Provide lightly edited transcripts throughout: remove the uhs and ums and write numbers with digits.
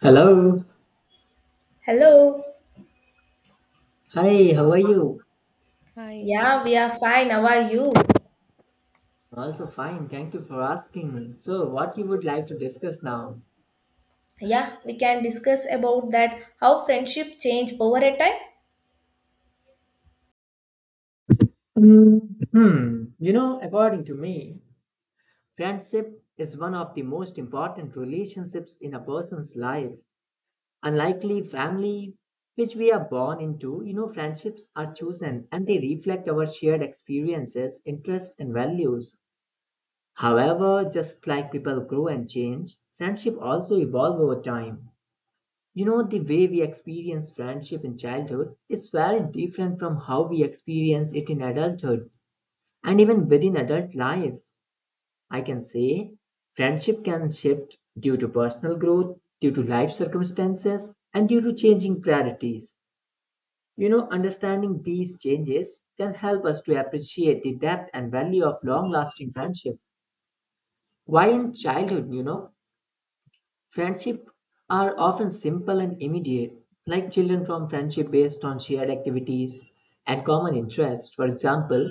Hello. Hello. Hi, how are you? Hi. Yeah, we are fine. How are you? Also fine. Thank you for asking. So, what you would like to discuss now? Yeah, we can discuss about that how friendship change over a time. Mm. Hmm. You know, according to me, friendship is one of the most important relationships in a person's life. Unlikely family, which we are born into, friendships are chosen and they reflect our shared experiences, interests, and values. However, just like people grow and change, friendship also evolve over time. You know, the way we experience friendship in childhood is very different from how we experience it in adulthood and even within adult life. I can say friendship can shift due to personal growth, due to life circumstances, and due to changing priorities. You know, understanding these changes can help us to appreciate the depth and value of long lasting friendship. While in childhood, you know, friendships are often simple and immediate, like children form friendship based on shared activities and common interests. For example,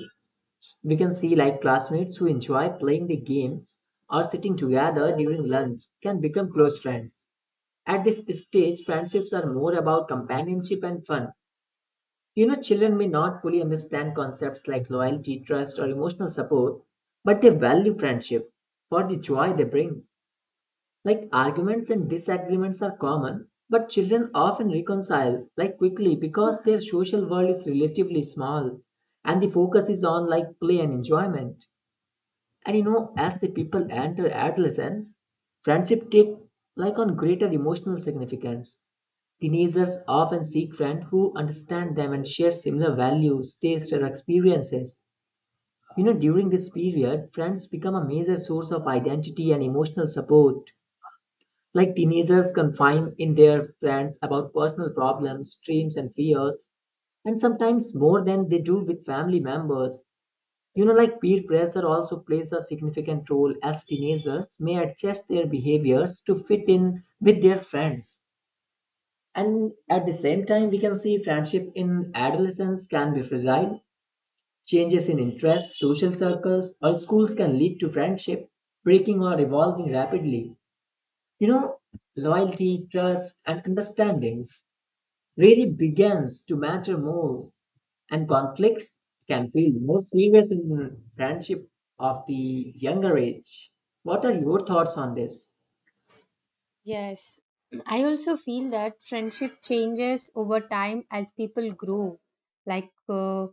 we can see like classmates who enjoy playing the games or sitting together during lunch can become close friends. At this stage, friendships are more about companionship and fun. You know, children may not fully understand concepts like loyalty, trust, or emotional support, but they value friendship for the joy they bring. Like arguments and disagreements are common, but children often reconcile like quickly because their social world is relatively small and the focus is on like play and enjoyment. And you know, as the people enter adolescence, friendship take like on greater emotional significance. Teenagers often seek friends who understand them and share similar values, tastes, or experiences. You know, during this period, friends become a major source of identity and emotional support like teenagers confine in their friends about personal problems, dreams, and fears, and sometimes more than they do with family members. You know, like peer pressure also plays a significant role as teenagers may adjust their behaviors to fit in with their friends. And at the same time, we can see friendship in adolescence can be fragile. Changes in interests, social circles, or schools can lead to friendship breaking or evolving rapidly. You know, loyalty, trust, and understandings really begins to matter more, and conflicts can feel more serious in friendship of the younger age. What are your thoughts on this? Yes, I also feel that friendship changes over time as people grow. Like uh,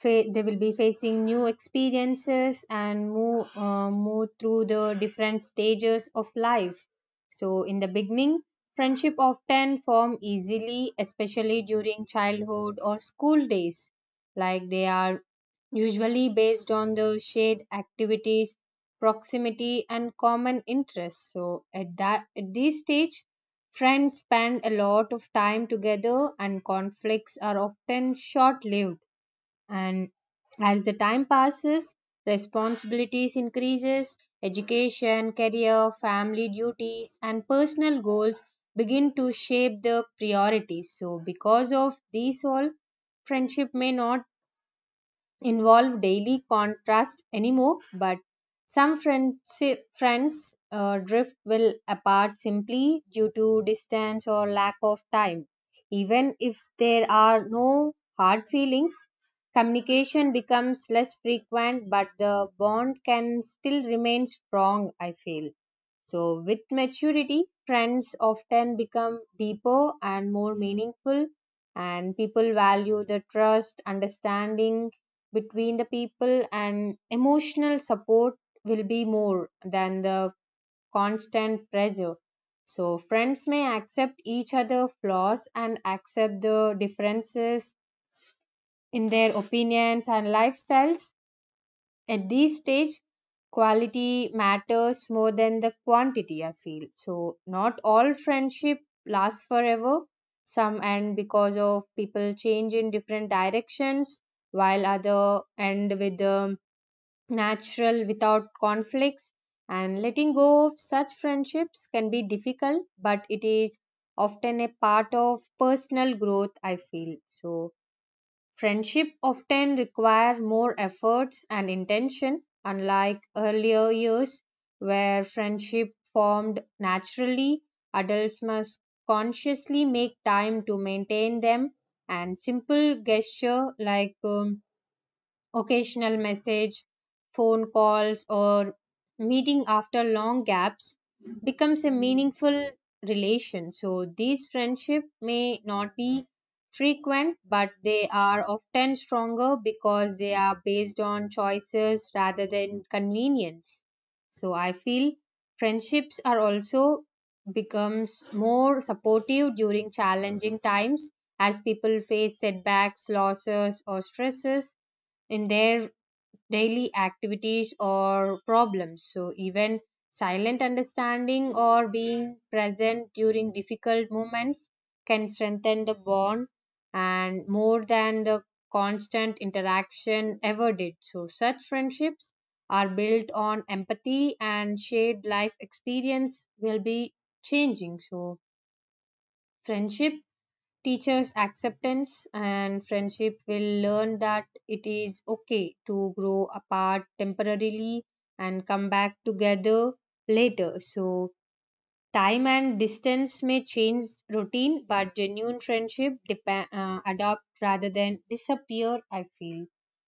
fa- they will be facing new experiences and move through the different stages of life. So in the beginning, friendship often form easily, especially during childhood or school days. Like they are usually based on the shared activities, proximity and common interests, so at this stage friends spend a lot of time together, and conflicts are often short lived. And as the time passes, responsibilities increases, education, career, family duties and personal goals begin to shape the priorities. So because of these all, friendship may not involve daily contrast anymore, but some friendship, friends drift will apart simply due to distance or lack of time. Even if there are no hard feelings, communication becomes less frequent, but the bond can still remain strong, I feel. So, with maturity, trends often become deeper and more meaningful, and people value the trust, understanding between the people, and emotional support will be more than the constant pressure. So, friends may accept each other' flaws and accept the differences in their opinions and lifestyles. At this stage quality matters more than the quantity, I feel. So not all friendship lasts forever, some end because of people change in different directions, while other end with the natural without conflicts, and letting go of such friendships can be difficult, but it is often a part of personal growth, I feel. So friendship often require more efforts and intention, unlike earlier years where friendship formed naturally. Adults must consciously make time to maintain them, and simple gesture like occasional message, phone calls, or meeting after long gaps becomes a meaningful relation. So these friendship may not be frequent, but they are often stronger because they are based on choices rather than convenience. So I feel friendships are also becomes more supportive during challenging times as people face setbacks, losses, or stresses in their daily activities or problems. So, even silent understanding or being present during difficult moments can strengthen the bond, and more than the constant interaction ever did. So, such friendships are built on empathy and shared life experience will be changing. So, friendship teachers acceptance and friendship will learn that it is okay to grow apart temporarily and come back together later. So time and distance may change routine, but genuine friendship adopt rather than disappear, I feel.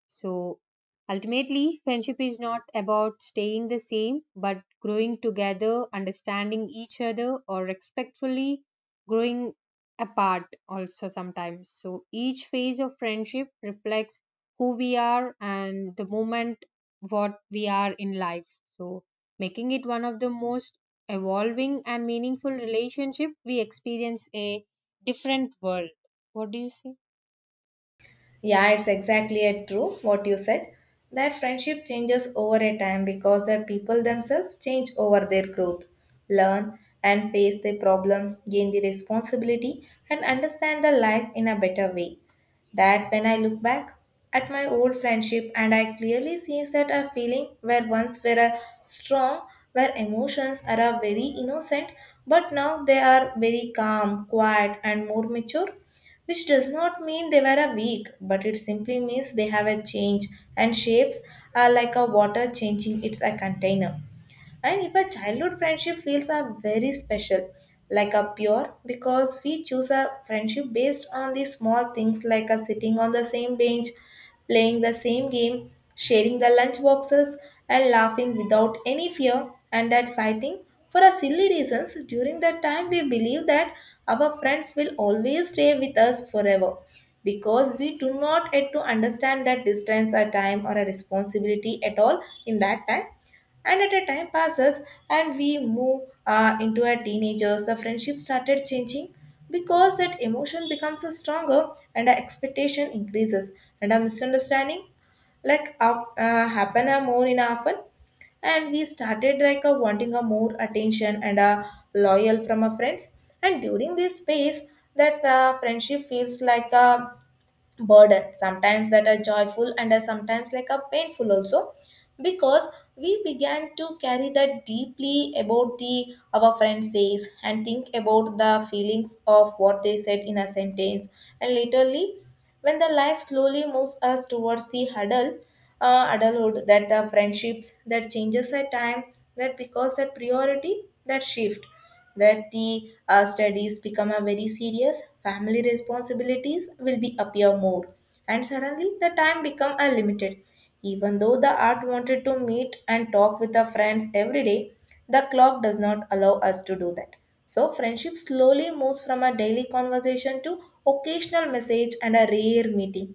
So ultimately, friendship is not about staying the same, but growing together, understanding each other, or respectfully growing apart also sometimes. So each phase of friendship reflects who we are and the moment what we are in life. So making it one of the most evolving and meaningful relationship, we experience a different world. What do you say? Yeah, it's exactly it, true what you said. That friendship changes over a time because the people themselves change over their growth, learn and face the problem, gain the responsibility, and understand the life in a better way. That when I look back at my old friendship and I clearly sees that a feeling where once were a strong, where emotions are a very innocent, but now they are very calm, quiet, and more mature, which does not mean they were a weak, but it simply means they have a change and shapes are like a water changing its a container. And if a childhood friendship feels are very special, like a pure, because we choose a friendship based on the small things like a sitting on the same bench, playing the same game, sharing the lunch boxes, and laughing without any fear, and that fighting for a silly reasons. During that time we believe that our friends will always stay with us forever because we do not yet to understand that distance a time or a responsibility at all in that time. And at a time passes and we move into our teenagers, the friendship started changing because that emotion becomes a stronger and our expectation increases and our misunderstanding happen a more in often, and we started like a wanting a more attention and a loyal from our friends. And during this phase, that friendship feels like a burden sometimes, that are joyful and are sometimes like a painful also, because we began to carry that deeply about the our friend says and think about the feelings of what they said in a sentence. And literally, when the life slowly moves us towards the huddle adulthood, that the friendships that changes at time, that because that priority that shift, where the studies become a very serious, family responsibilities will be appear more, and suddenly the time become a limited. Even though the art wanted to meet and talk with the friends every day, the clock does not allow us to do that. So friendship slowly moves from a daily conversation to occasional message and a rare meeting.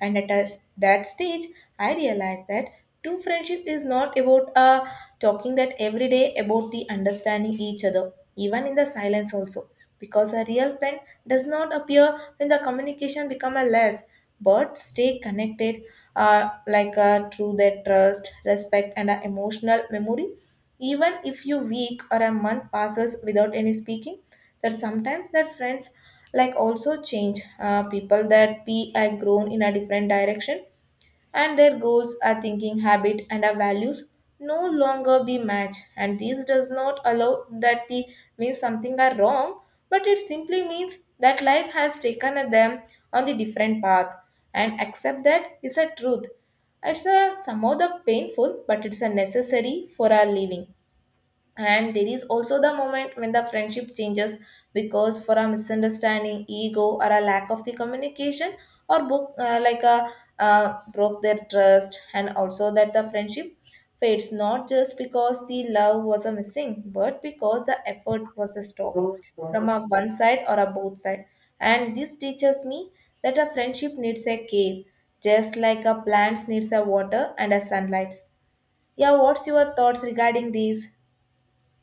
And that stage, I realized that true friendship is not about talking that every day, about the understanding each other, even in the silence also. Because a real friend does not appear when the communication become a less, but stay connected, through their trust, respect, and emotional memory. Even if you week or a month passes without any speaking, that sometimes that friends like also change. People that be are grown in a different direction, and their goals are thinking habit and our values no longer be match, and this does not allow that the means something are wrong, but it simply means that life has taken them on the different path. And accept that is a truth, it's a somehow the painful, but it's a necessary for our living. And there is also the moment when the friendship changes because for a misunderstanding, ego, or a lack of the communication, or book like a broke their trust, and also that the friendship fades not just because the love was a missing, but because the effort was a stop from a one side or a both side. And this teaches me that a friendship needs a care, just like a plant needs a water and a sunlight. Yeah, what's your thoughts regarding these?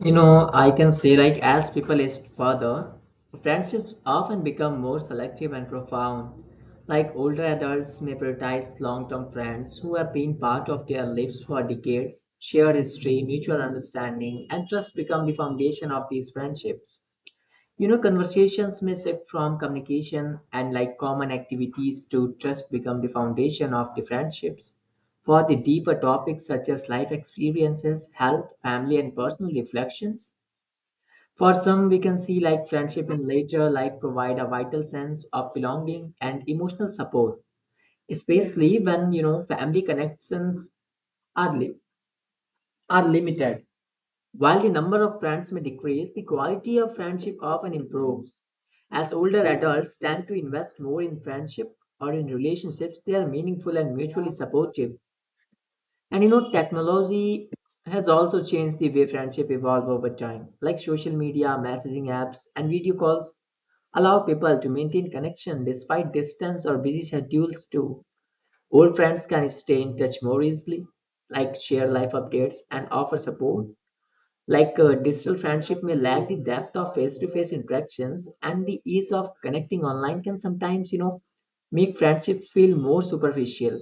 You know, I can say like as people age further, friendships often become more selective and profound. Like older adults may prioritize long-term friends who have been part of their lives for decades. Shared history, mutual understanding, and trust become the foundation of these friendships. You know, conversations may shift from communication and like common activities to trust become the foundation of the friendships. For the deeper topics such as life experiences, health, family, and personal reflections. For some, we can see like friendship in later life provide a vital sense of belonging and emotional support, especially when you know family connections are, are limited. While the number of friends may decrease, the quality of friendship often improves. As older adults tend to invest more in friendship or in relationships, they are meaningful and mutually supportive. And you know, technology has also changed the way friendship evolve over time. Like social media, messaging apps, and video calls allow people to maintain connection despite distance or busy schedules too. Old friends can stay in touch more easily, like share life updates and offer support like digital friendship may lack the depth of face-to-face interactions, and the ease of connecting online can sometimes, you know, make friendship feel more superficial.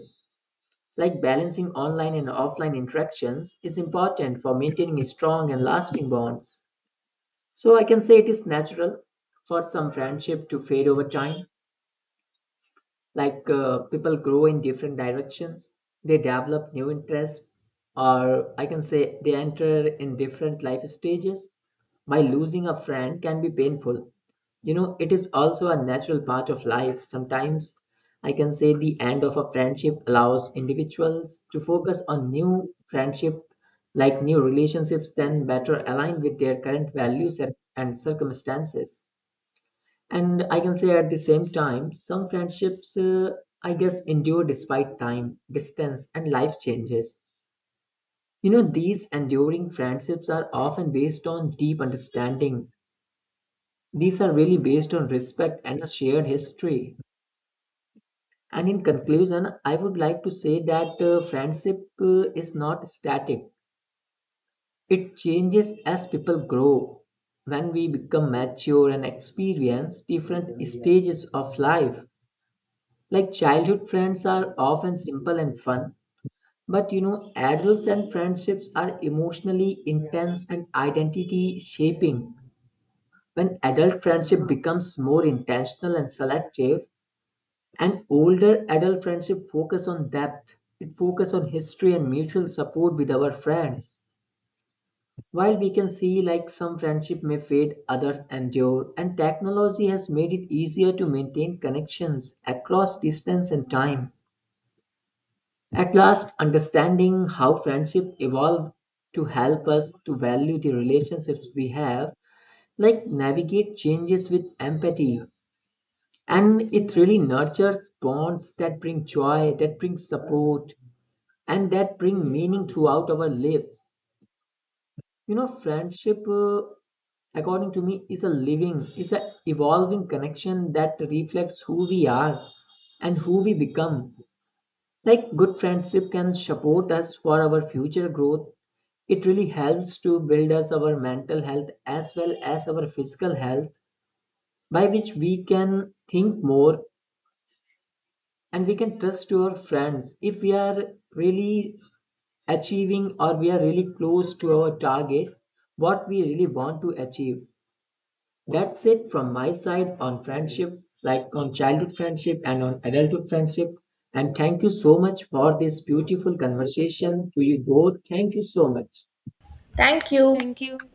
Like balancing online and offline interactions is important for maintaining strong and lasting bonds. So I can say it is natural for some friendship to fade over time, like people grow in different directions, they develop new interests, or I can say they enter in different life stages. By losing a friend can be painful, you know it is also a natural part of life sometimes. I can say the end of a friendship allows individuals to focus on new friendship, like new relationships then better aligned with their current values and circumstances. And I can say at the same time, some friendships, I guess, endure despite time, distance, and life changes. You know, these enduring friendships are often based on deep understanding. These are really based on respect and a shared history. And in conclusion, I would like to say that friendship is not static, it changes as people grow. When we become mature and experience different stages of life, like childhood friends are often simple and fun, but you know, adults and friendships are emotionally intense and identity shaping. When adult friendship becomes more intentional and selective, and older adult friendship focus on depth, it focus on history and mutual support with our friends. While we can see like some friendship may fade, others endure, and technology has made it easier to maintain connections across distance and time. At last, understanding how friendship evolved to help us to value the relationships we have, like navigate changes with empathy. And it really nurtures bonds that bring joy, that bring support, and that bring meaning throughout our lives. You know, friendship, according to me, is a living, is a evolving connection that reflects who we are and who we become. Like good friendship can support us for our future growth. It really helps to build us our mental health as well as our physical health, by which we can think more and we can trust our friends if we are really achieving or we are really close to our target what we really want to achieve. That's it from my side on friendship, like on childhood friendship and on adulthood friendship. And thank you so much for this beautiful conversation to you both. Thank you so much. Thank you. Thank you.